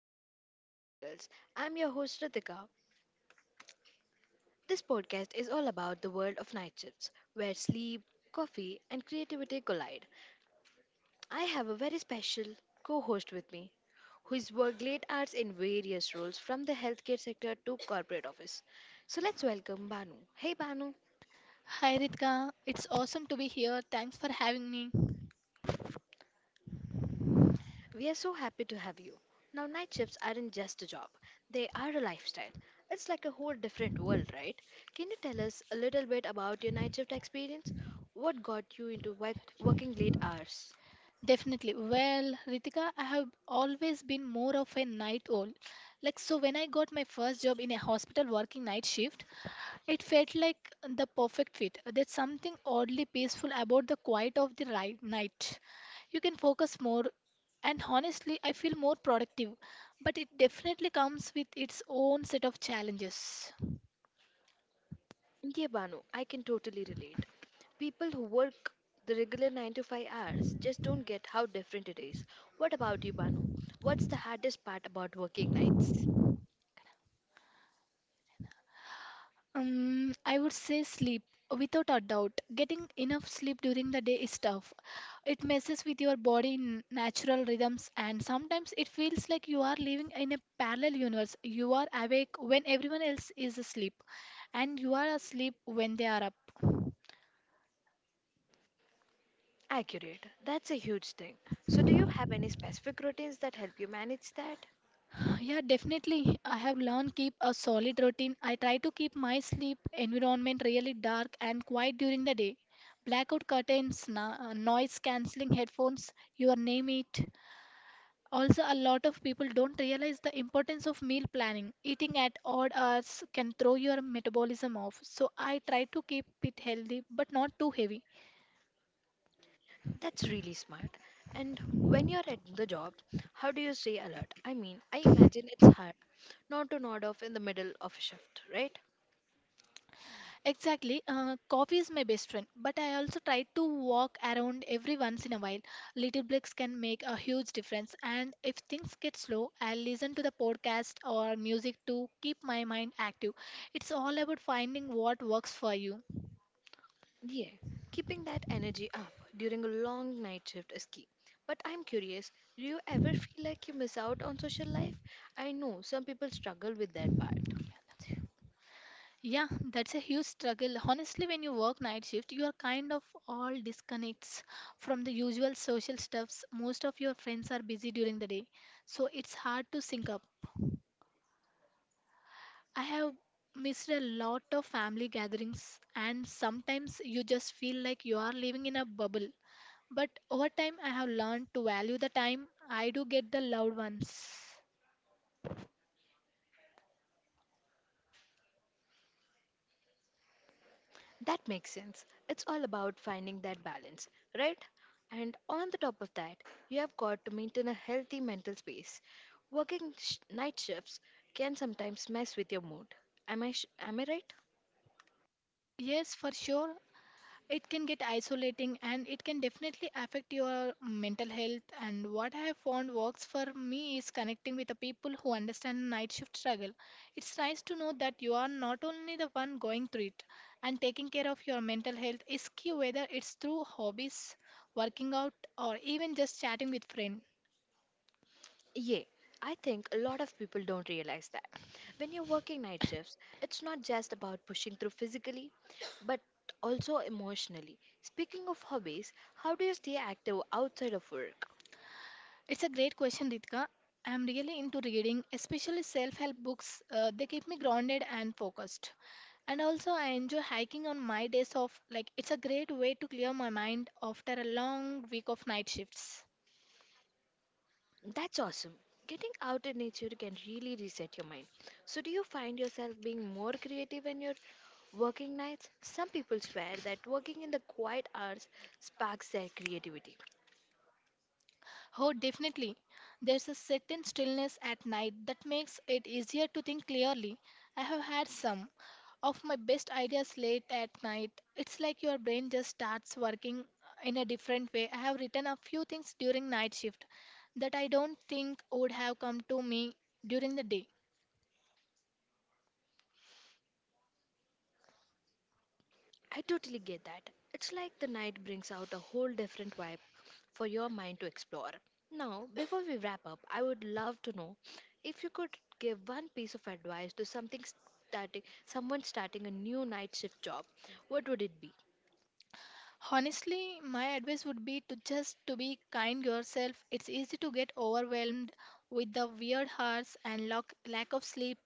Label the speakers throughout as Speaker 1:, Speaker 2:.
Speaker 1: about Night Shift Chronicles. I'm your host Ritika. This podcast is all about the world of night shifts, where sleep, coffee, and creativity collide. I have a very special co-host with me who has worked late hours in various roles from the healthcare sector to corporate office. So let's welcome Banu. Hey Banu.
Speaker 2: Hi Ritika, it's awesome to be here. Thanks for having me.
Speaker 1: We are so happy to have you. Now, night shifts aren't just a job, they are a lifestyle. It's like a whole different world, right? Can you tell us a little bit about your night shift experience? What got you into working late hours?
Speaker 2: Definitely. Well, Ritika, I have always been more of a night owl. Like, so when I got my first job in a hospital working night shift, it felt like the perfect fit. There's something oddly peaceful about the quiet of the right night. You can focus more, and honestly, I feel more productive. But it definitely comes with its own set of challenges.
Speaker 1: Yeah, Banu, I can totally relate. People who work the regular 9 to 5 hours just don't get how different it is. What about you, Banu? What's the hardest part about working nights?
Speaker 2: I would say sleep. Without a doubt, getting enough sleep during the day is tough. It messes with your body natural rhythms, and sometimes it feels like you are living in a parallel universe. You are awake when everyone else is asleep, and you are asleep when they are up.
Speaker 1: Accurate. That's a huge thing. So, do you have any specific routines that help you manage that?
Speaker 2: Yeah, definitely. I have learned keep a solid routine. I try to keep my sleep environment really dark and quiet during the day. Blackout curtains, noise cancelling headphones, your name it. Also, a lot of people don't realize the importance of meal planning. Eating at odd hours can throw your metabolism off. So, I try to keep it healthy but not too heavy.
Speaker 1: That's really smart. And when you're at the job, how do you stay alert? I mean, I imagine it's hard not to nod off in the middle of a shift, right?
Speaker 2: Exactly, coffee is my best friend, but I also try to walk around every once in a while. Little breaks can make a huge difference. And if things get slow, I'll listen to the podcast or music to keep my mind active. It's all about finding what works for you.
Speaker 1: Yeah, keeping that energy up during a long night shift is key. But I'm curious, do you ever feel like you miss out on social life? I know some people struggle with that part.
Speaker 2: Yeah, that's a huge struggle. Honestly, when you work night shift, you are kind of all disconnects from the usual social stuffs. Most of your friends are busy during the day, so it's hard to sync up. I have missed a lot of family gatherings, and sometimes you just feel like you are living in a bubble. But over time, I have learned to value the time I do get the loved ones.
Speaker 1: That makes sense. It's all about finding that balance, right? And on the top of that, you have got to maintain a healthy mental space. Working night shifts can sometimes mess with your mood. Am I right?
Speaker 2: Yes, for sure. It can get isolating, and it can definitely affect your mental health. And what I have found works for me is connecting with the people who understand night shift struggle. It's nice to know that you are not only the one going through it, and taking care of your mental health is key, whether it's through hobbies, working out, or even just chatting with friends.
Speaker 1: Yeah, I think a lot of people don't realize that. When you're working night shifts, it's not just about pushing through physically, but also emotionally. Speaking of hobbies, how do you stay active outside of work?
Speaker 2: It's a great question, Ritika. I'm really into reading, especially self help books. They keep me grounded and focused. And also, I enjoy hiking on my days off. Like, it's a great way to clear my mind after a long week of night shifts.
Speaker 1: That's awesome. Getting out in nature can really reset your mind. So, do you find yourself being more creative in your working nights? Some people swear that working in the quiet hours sparks their creativity.
Speaker 2: Oh, definitely. There's a certain stillness at night that makes it easier to think clearly. I have had some of my best ideas late at night. It's like your brain just starts working in a different way. I have written a few things during night shift that I don't think would have come to me during the day.
Speaker 1: I totally get that. It's like the night brings out a whole different vibe for your mind to explore. Now, before we wrap up, I would love to know if you could give one piece of advice to something starting someone starting a new night shift job, what would it be?
Speaker 2: Honestly, my advice would be to just to be kind yourself. It's easy to get overwhelmed with the weird hours and lack of sleep,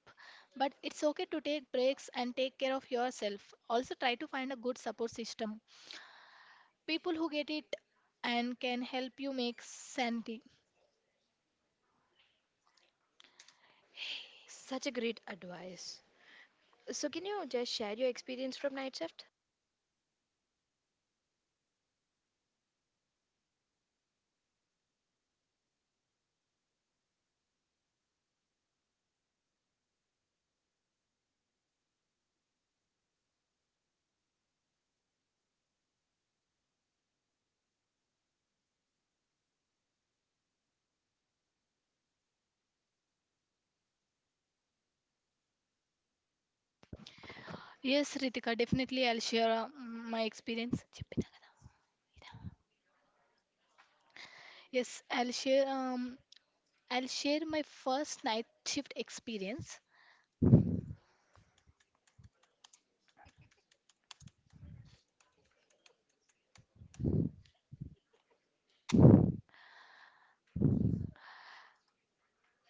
Speaker 2: but it's okay to take breaks and take care of yourself. Also try to find a good support system. People who get it and can help you make sanity.
Speaker 1: Such a great advice. So, can you just share your experience from night shift?
Speaker 2: Yes, Ritika, definitely I'll share my experience. Yes, I'll share um I'll share my first night shift experience.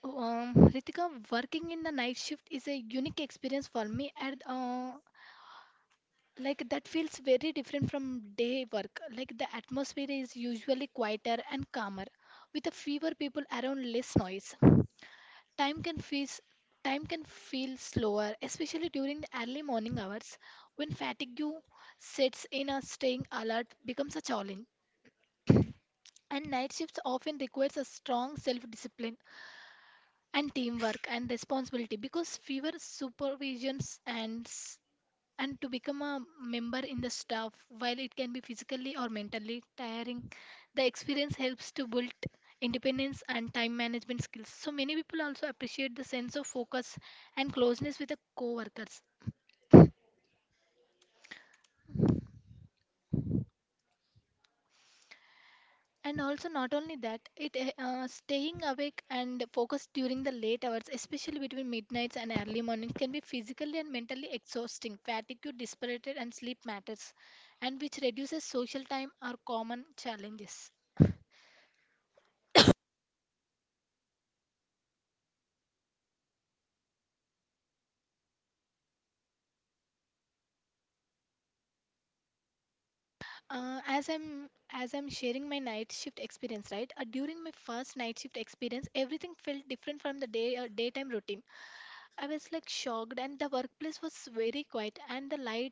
Speaker 2: Ritika, working in the night shift is a unique experience for me, and like that feels very different from day work. Like the atmosphere is usually quieter and calmer, with a fewer people around, less noise. Time can feel Time can feel slower, especially during the early morning hours when fatigue sets in. A staying alert becomes a challenge, and night shifts often requires a strong self-discipline and teamwork and responsibility because fewer supervisions and s- and to become a member in the staff, while it can be physically or mentally tiring, the experience helps to build independence and time management skills. So many people also appreciate the sense of focus and closeness with the co-workers. And also, not only that, it staying awake and focused during the late hours, especially between midnights and early mornings, can be physically and mentally exhausting. Fatigue, dispirited, and sleep matters, and which reduces social time are common challenges. As I'm sharing my night shift experience, right? During my first night shift experience, everything felt different from the daytime routine. I was like shocked, and the workplace was very quiet, and the light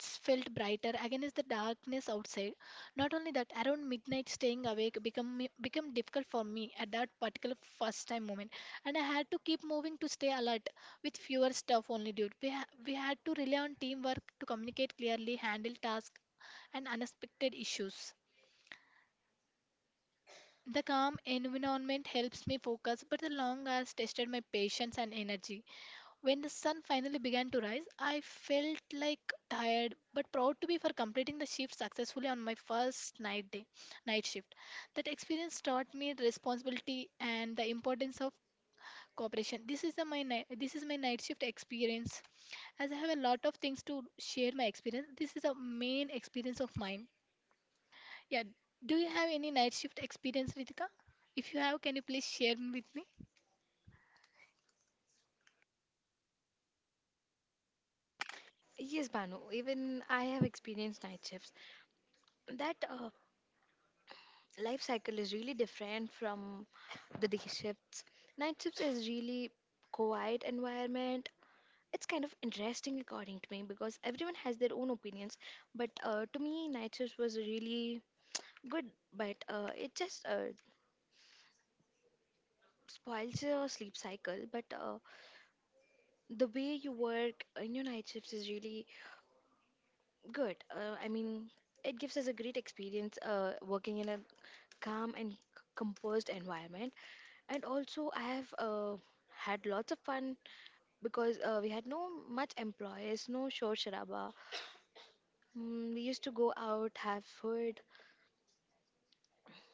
Speaker 2: nights felt brighter against the darkness outside. Not only that, around midnight, staying awake became difficult for me at that particular first time moment, and I had to keep moving to stay alert with fewer stuff only. Dude, we had to rely on teamwork to communicate clearly, handle tasks, and unexpected issues. The calm environment helps me focus, but the long hours tested my patience and energy. When the sun finally began to rise, I felt like tired but proud to be for completing the shift successfully on my first night day, night shift. That experience taught me responsibility and the importance of cooperation. This is my night shift experience. As I have a lot of things to share my experience, this is the main experience of mine. Yeah, do you have any night shift experience, Ritika? If you have, can you please share with me?
Speaker 1: Yes, Banu, even I have experienced night shifts. That life cycle is really different from the day shifts. Night shifts is really quiet environment. It's kind of interesting according to me because everyone has their own opinions. But to me, night shifts was really good, but it just spoils your sleep cycle. But the way you work in your night shifts is really good. I mean, it gives us a great experience working in a calm and composed environment. And also, I have had lots of fun because we had no much employees, no shor sharaba. We used to go out, have food.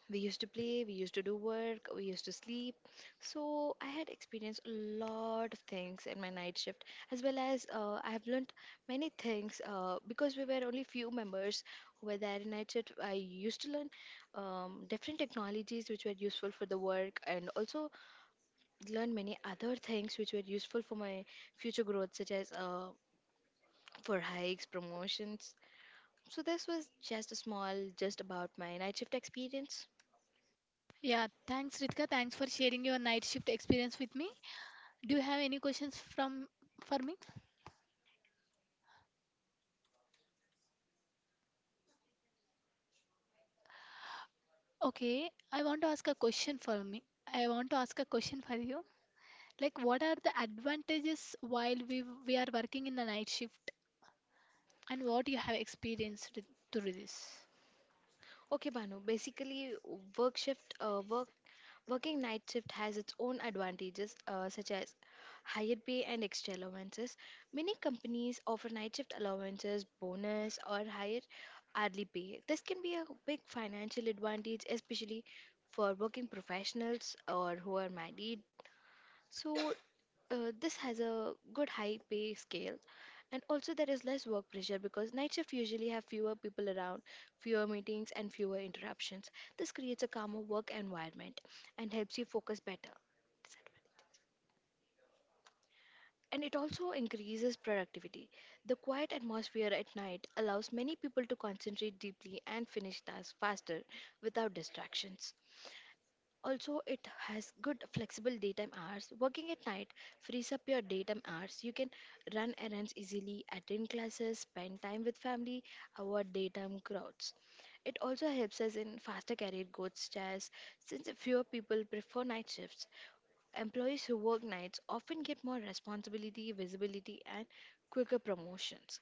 Speaker 1: We used to play, we used to do work, we used to sleep. So I had experienced a lot of things in my night shift, as well as I have learned many things because we were only few members who were there in night shift. I used to learn different technologies which were useful for the work, and also learn many other things which were useful for my future growth, such as for hikes, promotions. So this was just a small, just about my night shift experience.
Speaker 2: Yeah, thanks, Ritika. Thanks for sharing your night shift experience with me. Do you have any questions from for me? Okay, I want to ask a question for me. I want to ask a question for you. Like, what are the advantages while we are working in the night shift, and what you have experienced through this?
Speaker 1: Okay, Banu. Basically, work shift, uh, work working night shift has its own advantages, such as higher pay and extra allowances. Many companies offer night shift allowances, bonus, or higher hourly pay. This can be a big financial advantage, especially for working professionals or who are married. So, this has a good high pay scale. And also there is less work pressure because night shift usually have fewer people around, fewer meetings and fewer interruptions. This creates a calmer work environment and helps you focus better. And it also increases productivity. The quiet atmosphere at night allows many people to concentrate deeply and finish tasks faster without distractions. Also, it has good flexible daytime hours. Working at night frees up your daytime hours. You can run errands easily, attend classes, spend time with family, avoid daytime crowds. It also helps us in faster career growth chairs since fewer people prefer night shifts. Employees who work nights often get more responsibility, visibility, and quicker promotions.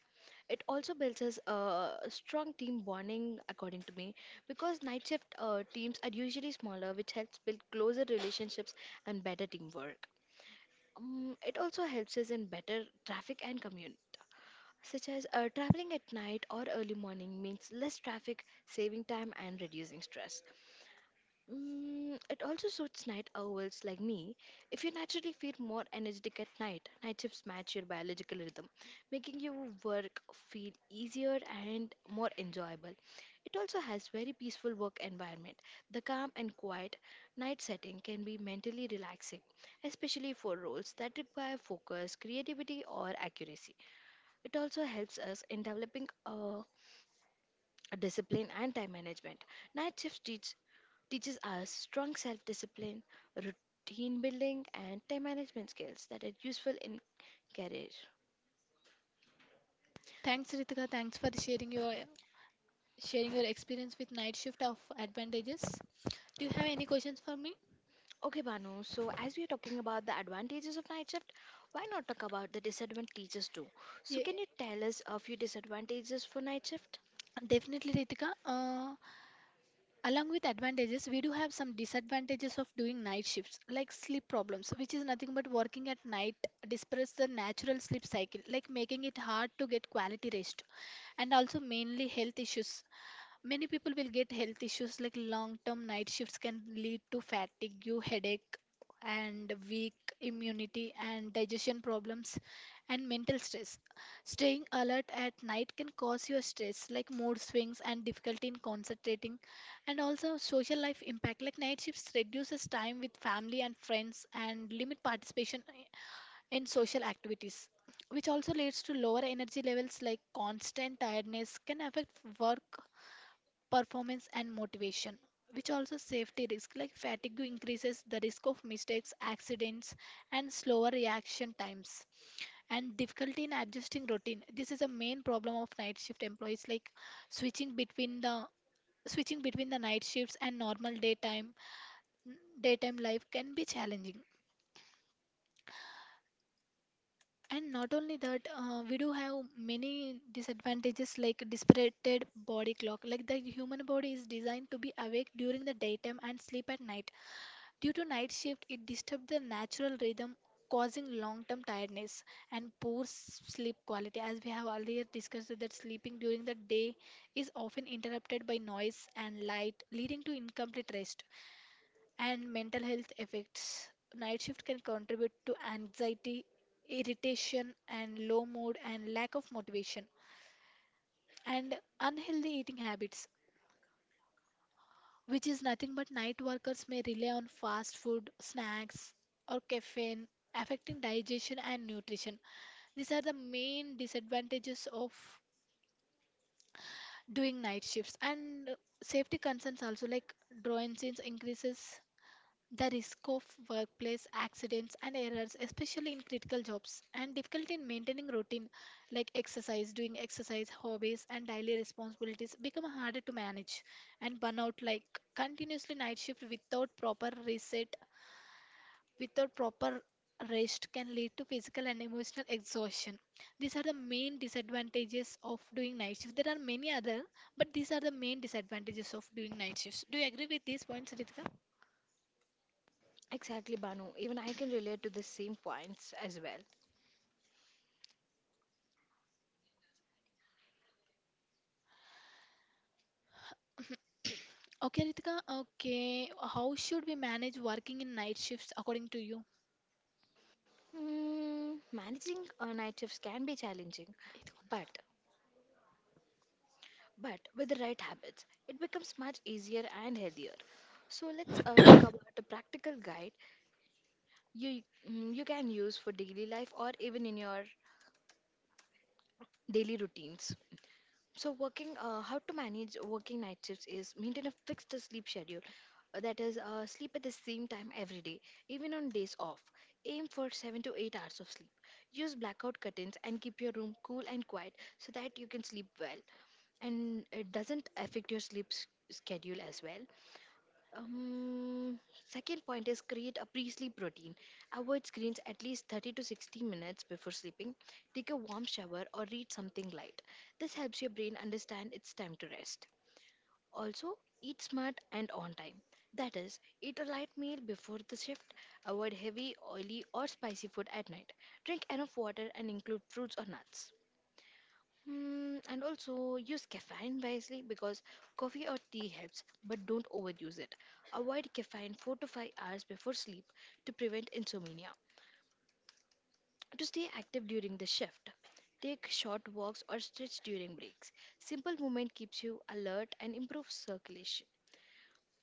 Speaker 1: It also builds us a strong team bonding, according to me, because night shift teams are usually smaller, which helps build closer relationships and better teamwork. It also helps us in better traffic and commute, such as traveling at night or early morning means less traffic, saving time, and reducing stress. It also suits night owls like me. If you naturally feel more energetic at night, night shifts match your biological rhythm, making your work feel easier and more enjoyable. It also has very peaceful work environment. The calm and quiet night setting can be mentally relaxing, especially for roles that require focus, creativity, or accuracy. It also helps us in developing a discipline and time management. Night shifts teach Teaches us strong self discipline, routine building, and time management skills that are useful in career.
Speaker 2: Thanks, Ritika. Thanks for sharing your experience with night shift of advantages. Do you have any questions for me?
Speaker 1: Okay, Banu, so as we are talking about the advantages of night shift, why not talk about the disadvantages too? So,
Speaker 2: Yeah,
Speaker 1: can you tell us a few disadvantages for night shift?
Speaker 2: definitely, Ritika. Along with advantages, we do have some disadvantages of doing night shifts, like sleep problems, which is nothing but working at night disrupts the natural sleep cycle, like making it hard to get quality rest. And also mainly health issues. Many people will get health issues like long term night shifts can lead to fatigue, headache, and weak immunity, and digestion problems, and mental stress. Staying alert at night can cause your stress, like mood swings and difficulty in concentrating, and also social life impact. Like night shifts reduces time with family and friends and limit participation in social activities, which also leads to lower energy levels, like constant tiredness can affect work performance and motivation, which also safety risk, like fatigue increases the risk of mistakes, accidents, and slower reaction times, and difficulty in adjusting routine. This is a main problem of night shift employees, like switching between the switching between the night shifts and normal daytime life can be challenging. And not only that, we do have many disadvantages like dispirited body clock, like the human body is designed to be awake during the daytime and sleep at night. Due to night shift, it disturbs the natural rhythm, causing long-term tiredness and poor sleep quality. As we have earlier discussed, that sleeping during the day is often interrupted by noise and light, leading to incomplete rest and mental health effects. Night shift can contribute to anxiety, irritation, and low mood and lack of motivation. And unhealthy eating habits, which is nothing but night workers may rely on fast food, snacks, or caffeine, affecting digestion and nutrition. These are the main disadvantages of doing night shifts. And safety concerns also, like drone increases the risk of workplace accidents and errors, especially in critical jobs, and difficulty in maintaining routine like exercise, doing exercise, hobbies, and daily responsibilities become harder to manage. And burnout, like continuously night shift without proper rest, can lead to physical and emotional exhaustion. These are the main disadvantages of doing night shift. There are many other, but these are the main disadvantages of doing night shifts. Do you agree with these points, Ritika?
Speaker 1: Exactly, Banu. Even I can relate to the same points as well.
Speaker 2: Okay, Ritika. Okay, how should we manage working in night shifts according to you?
Speaker 1: Hmm, managing a night shift can be challenging, but with the right habits, it becomes much easier and healthier. So let's talk about a practical guide you you can use for daily life or even in your daily routines. So working, how to manage working night shifts is maintain a fixed sleep schedule. That is, sleep at the same time every day, even on days off. Aim for 7 to 8 hours of sleep. Use blackout curtains and keep your room cool and quiet so that you can sleep well and it doesn't affect your schedule as well. Um, second point is create a pre-sleep routine. Avoid screens at least 30 to 60 minutes before sleeping. Take a warm shower or read something light. This helps your brain understand it's time to rest. Also, eat smart and on time. That is, eat a light meal before the shift. Avoid heavy, oily, or spicy food at night. Drink enough water and include fruits or nuts. And also use caffeine wisely because coffee or tea helps, but don't overuse it. Avoid caffeine 4 to 5 hours before sleep to prevent insomnia. To stay active during the shift, take short walks or stretch during breaks. Simple movement keeps you alert and improves circulation.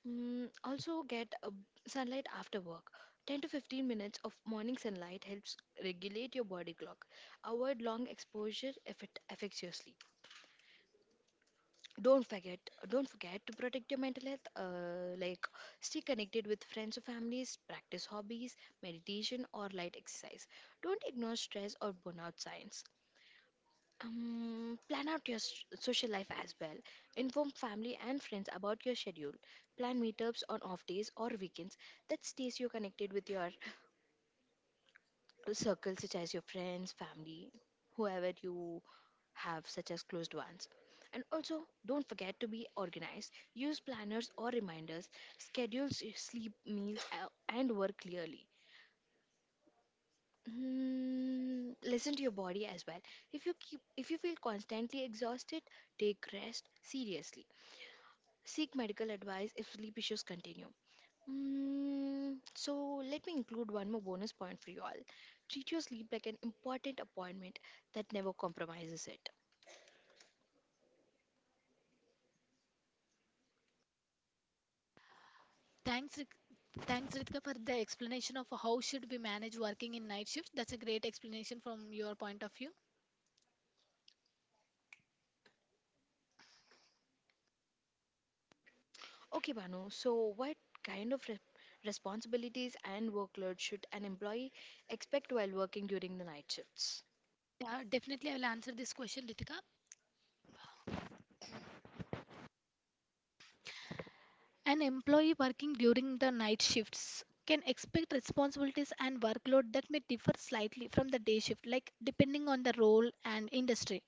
Speaker 1: Also, get sunlight after work. 10 to 15 minutes of morning sunlight helps regulate your body clock. Avoid long exposure if it affects your sleep. don't forget don't forget to protect your mental health like stay connected with friends or families, practice hobbies, meditation or light exercise. Don't ignore stress or burnout signs. Plan out your social life as well. Inform family and friends about your schedule. Plan meetups on off days or weekends. That stays you connected with your circle such as your friends, family, whoever you have such as closed ones. And also, don't forget to be organized. Use planners or reminders. Schedule sleep, meals and work clearly. Listen to your body as well. If you feel constantly exhausted, take rest seriously. Seek medical advice if sleep issues continue. So let me include one more bonus point for you all. Treat your sleep like an important appointment that never compromises it.
Speaker 2: Thanks, Rit- Thanks Ritika for the explanation of how should we manage working in night shifts. That's a great explanation from your point of view.
Speaker 1: Okay, Banu, so what kind of responsibilities and workload should an employee expect while working during the night shifts?
Speaker 2: Yeah, definitely I will answer this question, Ritika. An employee working during the night shifts can expect responsibilities and workload that may differ slightly from the day shift, like depending on the role and industry.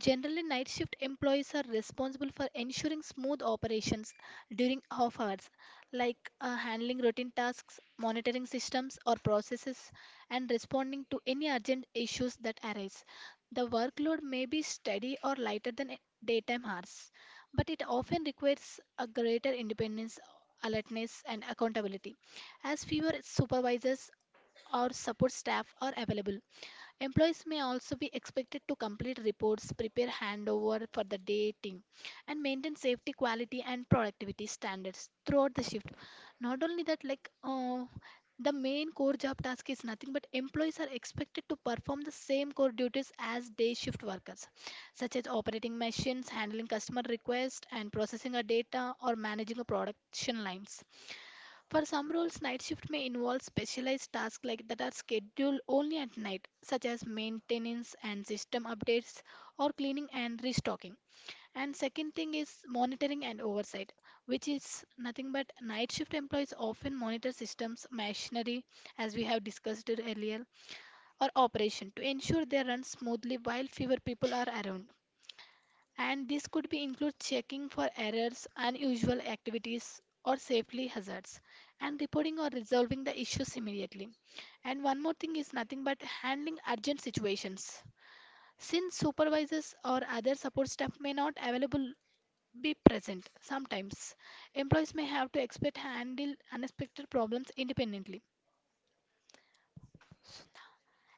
Speaker 2: Generally, night shift employees are responsible for ensuring smooth operations during off hours, like handling routine tasks, monitoring systems or processes, and responding to any urgent issues that arise. The workload may be steady or lighter than daytime hours, but it often requires a greater independence, alertness, and accountability, as fewer supervisors or support staff are available. Employees may also be expected to complete reports, prepare handover for the day team, and maintain safety, quality, and productivity standards throughout the shift. Not only that, the main core job task is nothing but employees are expected to perform the same core duties as day shift workers, such as operating machines, handling customer requests, and processing a data or managing a production lines. For some roles, night shift may involve specialized tasks like that are scheduled only at night, such as maintenance and system updates or cleaning and restocking. And second thing is monitoring and oversight, which is nothing but night shift employees often monitor systems, machinery, as we have discussed it earlier, or operation to ensure they run smoothly while fewer people are around, and this could be include checking for errors, unusual activities or safely hazards and reporting or resolving the issues immediately. And one more thing is nothing but handling urgent situations. Since supervisors or other support staff may not available be present sometimes, employees may have to expect handle unexpected problems independently.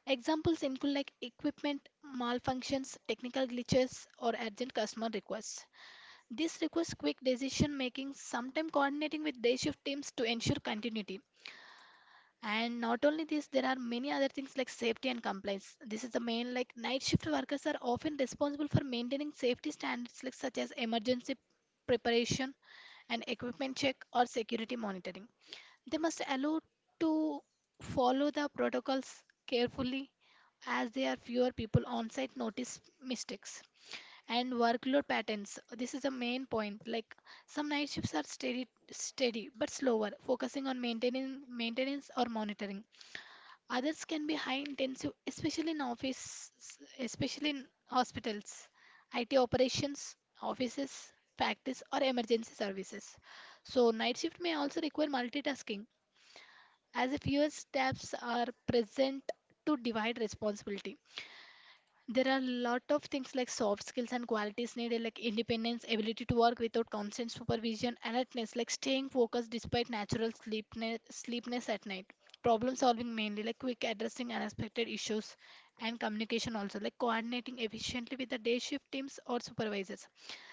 Speaker 2: Examples include like equipment malfunctions, technical glitches or urgent customer requests. This requires quick decision making, sometimes coordinating with day shift teams to ensure continuity. And not only this, there are many other things like safety and compliance. This is the main, like night shift workers are often responsible for maintaining safety standards like such as emergency preparation and equipment check or security monitoring. They must allow to follow the protocols carefully as there are fewer people on site notice mistakes and workload patterns. This is a main point, like some night shifts are steady but slower, focusing on maintaining maintenance or monitoring. Others can be high intensive, especially in office, especially in hospitals, it operations, offices, factories or emergency services. So night shift may also require multitasking as if fewer steps are present to divide responsibility. There are a lot of things like soft skills and qualities needed, like independence, ability to work without constant supervision, alertness like staying focused despite natural sleepness at night, problem solving mainly like quick addressing unexpected issues, and communication also like coordinating efficiently with the day shift teams or supervisors.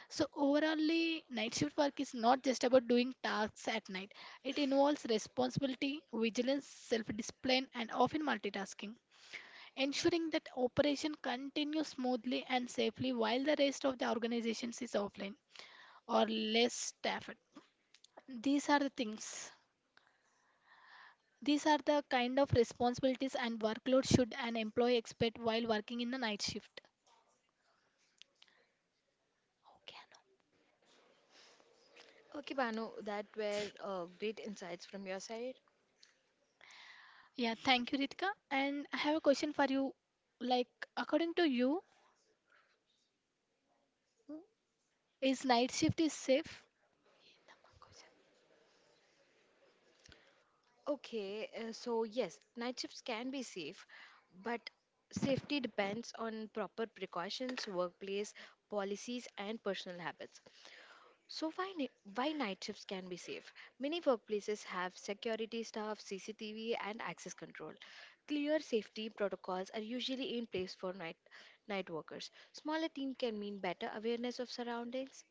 Speaker 2: So overallly night shift work is not just about doing tasks at night, it involves responsibility, vigilance, self discipline and often multitasking, ensuring that operation continues smoothly and safely while the rest of the organization is offline or less staffed. These are the things. These are the kind of responsibilities and workload should an employee expect while working in the night shift. Okay,
Speaker 1: Okay, Banu, that were great insights from your side.
Speaker 2: Anu. Yeah, thank you, Ritika. And I have a question for you. Like, according to you, is night shift is safe?
Speaker 1: Okay, so yes, night shifts can be safe, but safety depends on proper precautions, workplace policies, and personal habits. So why night shifts can be safe? Many workplaces have security staff, CCTV, and access control. Clear safety protocols are usually in place for night workers. Smaller team can mean better awareness of surroundings.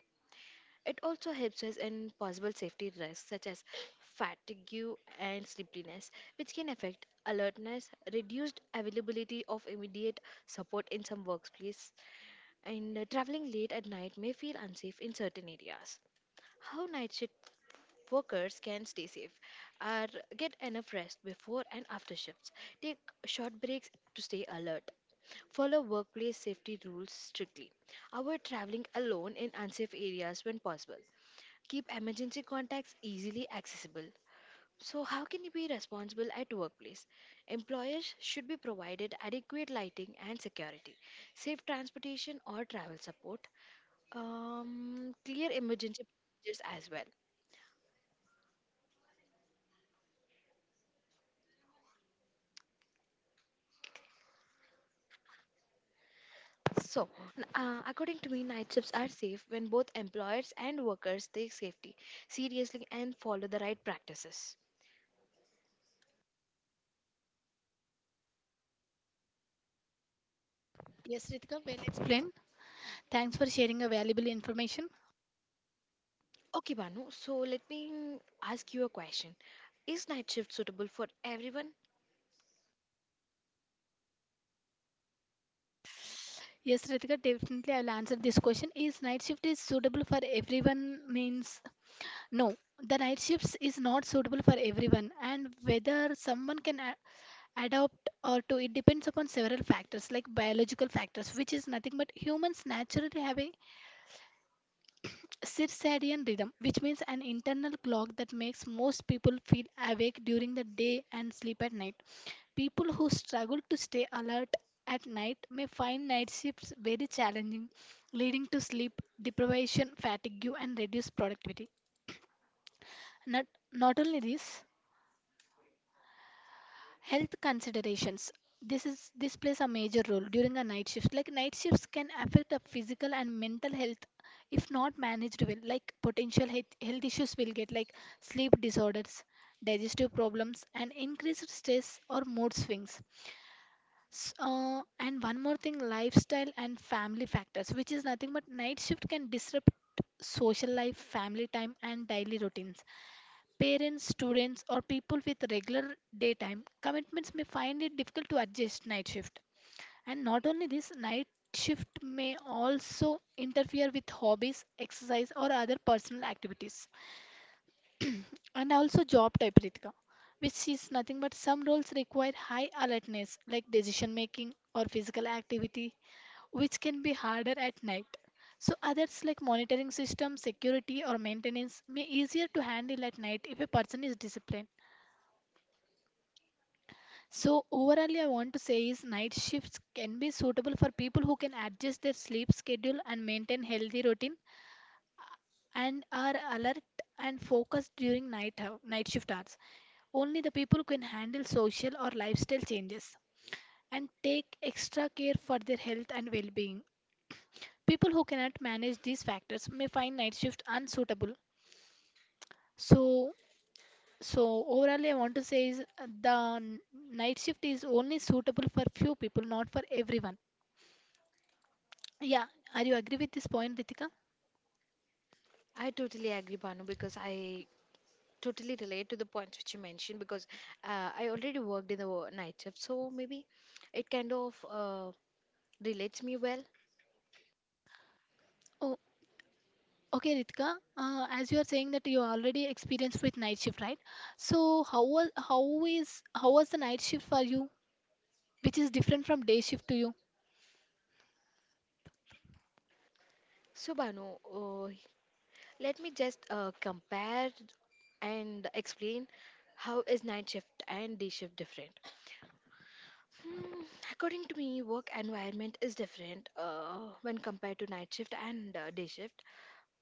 Speaker 1: It also helps us in possible safety risks such as fatigue and sleepiness, which can affect alertness, reduced availability of immediate support in some workplace, and traveling late at night may feel unsafe in certain areas. How night shifts workers can stay safe or get enough rest before and after shifts. Take short breaks to stay alert. Follow workplace safety rules strictly. Avoid traveling alone in unsafe areas when possible. Keep emergency contacts easily accessible. So how can you be responsible at workplace? Employers should be provided adequate lighting and security, safe transportation or travel support, clear emergency procedures as well. So, according to me, night shifts are safe when both employers and workers take safety seriously and follow the right practices.
Speaker 2: Yes, Ritika, well explained. Thanks for sharing a valuable information.
Speaker 1: Okay, Banu, so let me ask you a question. Is night shift suitable for everyone?
Speaker 2: Yes, Ritika, definitely I'll answer this question. Is night shift is suitable for everyone means no. The night shifts is not suitable for everyone, and whether someone can adapt or to it depends upon several factors like biological factors, which is nothing but humans naturally have a circadian rhythm, which means an internal clock that makes most people feel awake during the day and sleep at night. People who struggle to stay alert at night may find night shifts very challenging, leading to sleep deprivation, fatigue, and reduced productivity. Not, not only this, health considerations, this is this plays a major role during a night shift, like night shifts can affect a physical and mental health if not managed well, like potential health issues will get like sleep disorders, digestive problems and increased stress or mood swings. And one more thing, lifestyle and family factors, which is nothing but night shift can disrupt social life, family time and daily routines. Parents, students, or people with regular daytime commitments may find it difficult to adjust night shift. And not only this, night shift may also interfere with hobbies, exercise, or other personal activities. And also, job type, Ritika, which is nothing but some roles require high alertness, like decision making or physical activity, which can be harder at night. So others like monitoring system, security or maintenance may easier to handle at night if a person is disciplined. So overall, I want to say is night shifts can be suitable for people who can adjust their sleep schedule and maintain healthy routine and are alert and focused during night shift hours. Only the people who can handle social or lifestyle changes and take extra care for their health and well-being. People who cannot manage these factors may find night shift unsuitable. So so overall, I want to say is the night shift is only suitable for few people, not for everyone. Yeah, are you agree with this point, Ritika?
Speaker 1: I totally agree, Banu, because I totally relate to the points which you mentioned because I already worked in the night shift, so maybe it kind of relates me well.
Speaker 2: Oh, okay, Ritika. As you are saying that you already experienced with night shift, right? So how was the night shift for you, which is different from day shift to you?
Speaker 1: So, Banu, uh, let me just compare and explain how is night shift and day shift different. Hmm, According to me, work environment is different when compared to night shift and day shift.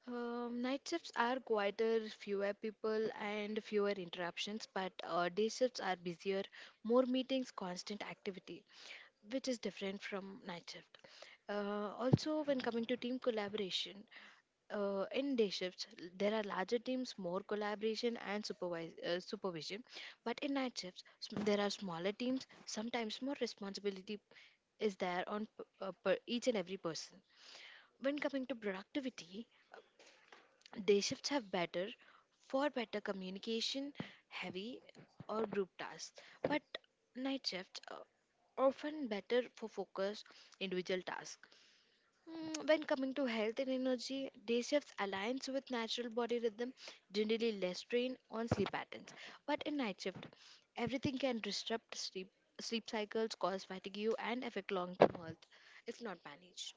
Speaker 1: Night shifts are quieter, fewer people, and fewer interruptions, but day shifts are busier, more meetings, constant activity, which is different from night shift. Also, when coming to team collaboration, in day shifts, there are larger teams, more collaboration and supervision. But in night shifts, there are smaller teams. Sometimes more responsibility is there on per each and every person. When coming to productivity, day shifts have better for better communication, heavy or group tasks. But night shifts are often better for focus individual tasks. When coming to health and energy, day shifts aligns with natural body rhythm, generally less strain on sleep patterns. But in night shift, everything can disrupt sleep, sleep cycles, cause fatigue, and affect long-term health if not managed.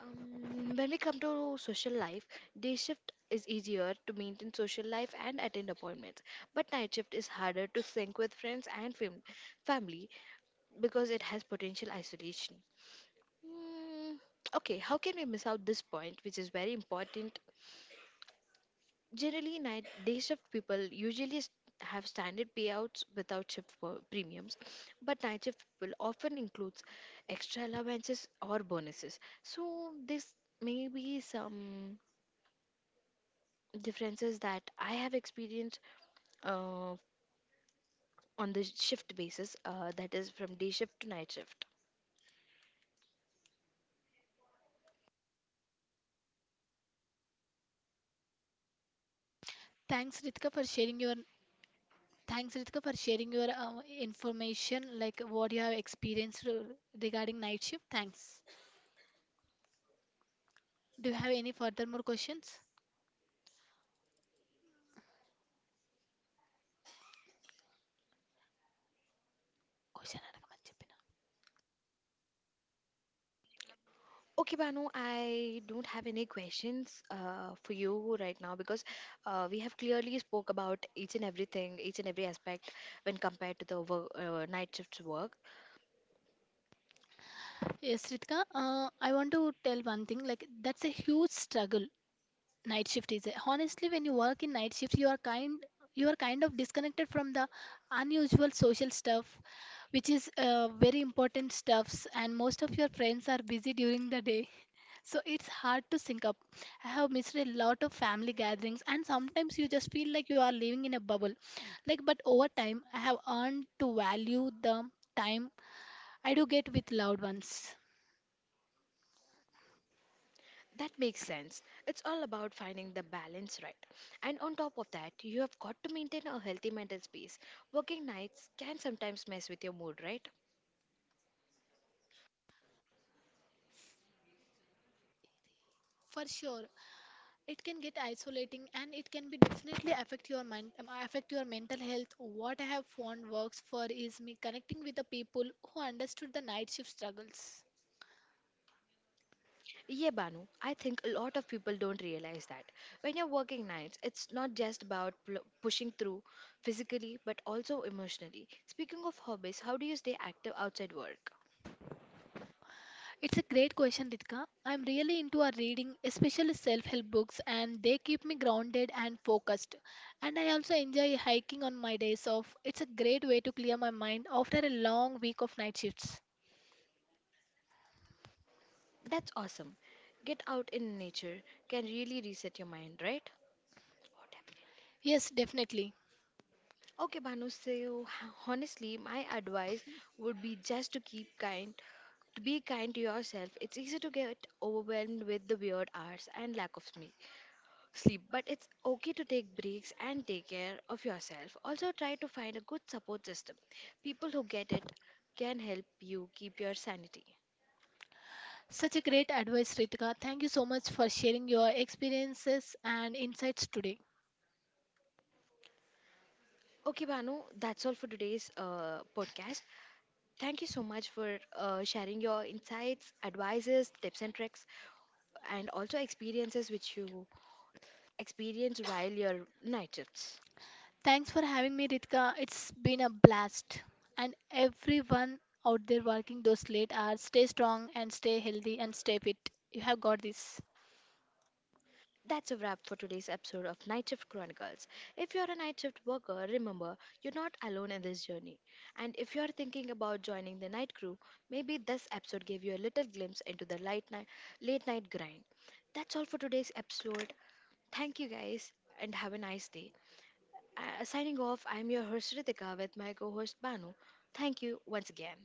Speaker 1: When we come to social life, day shift is easier to maintain social life and attend appointments, but night shift is harder to sync with family because it has potential isolation. Mm, okay, how can we miss out this point, which is very important? Generally, night day shift people usually have standard payouts without premiums, but night shift people often includes extra allowances or bonuses. So this may be some differences that I have experienced uh, on the shift basis, that is from day shift to night shift.
Speaker 2: Thanks, Ritika, for sharing your Thanks, Ritika, for sharing your information, like what you have experienced regarding night shift. Thanks. Do you have any further more questions? Question అడగమని చెప్పిన.
Speaker 1: Okay, Banu, I don't have any questions for you right now because we have clearly spoke about each and everything, each and every aspect when compared to the work, night shift's work.
Speaker 2: Yes, Ritika, I want to tell one thing, like that's a huge struggle night shift is honestly. When you work in night shift, you are kind of disconnected from the unusual social stuff, which is very important stuffs, and most of your friends are busy during the day, so it's hard to sync up. I have missed a lot of family gatherings and sometimes you just feel like you are living in a bubble, like, but over time I have earned to value the time I do get with loved ones.
Speaker 1: That makes sense. It's all about finding the balance, right? And on top of that, you have got to maintain a healthy mental space. Working nights can sometimes mess with your mood, right?
Speaker 2: For sure it can get isolating and it can be definitely affect your mind, affect your mental health. What I have found works for is me connecting with the people who understood the night shift struggles.
Speaker 1: Yeah, Banu, I think a lot of people don't realize that. When you're working nights, it's not just about pushing through physically but also emotionally. Speaking of hobbies, how do you stay active outside work?
Speaker 2: It's a great question, Ritka. I'm really into a reading, especially self-help books, and they keep me grounded and focused, and I also enjoy hiking on my days off. It's a great way to clear my mind after a long week of night shifts.
Speaker 1: That's awesome. Get out in nature can really reset your mind, right? Oh, definitely.
Speaker 2: Yes, definitely.
Speaker 1: Okay, Banu, so honestly, my advice would be just to keep kind, to be kind to yourself. It's easy to get overwhelmed with the weird hours and lack of sleep. Sleep, but it's okay to take breaks and take care of yourself. Also try to find a good support system. People who get it can help you keep your sanity.
Speaker 2: Such a great advice, Ritika. Thank you so much for sharing your experiences and insights today.
Speaker 1: Okay, Banu, that's all for today's podcast. Thank you so much for sharing your insights, advices, tips and tricks, and also experiences which you experience while your night shifts.
Speaker 2: Thanks for having me, Ritika. It's been a blast. And everyone out there working those late hours, stay strong and stay healthy and stay fit. You have got this.
Speaker 1: That's a wrap for today's episode of Night Shift Chronicles. If you're a night shift worker, remember you're not alone in this journey. And if you're thinking about joining the night crew, maybe this episode gave you a little glimpse into the light night, late night grind. That's all for today's episode. Thank you guys and have a nice day. Signing off, I'm your host Ritika with my co host Banu. Thank you once again.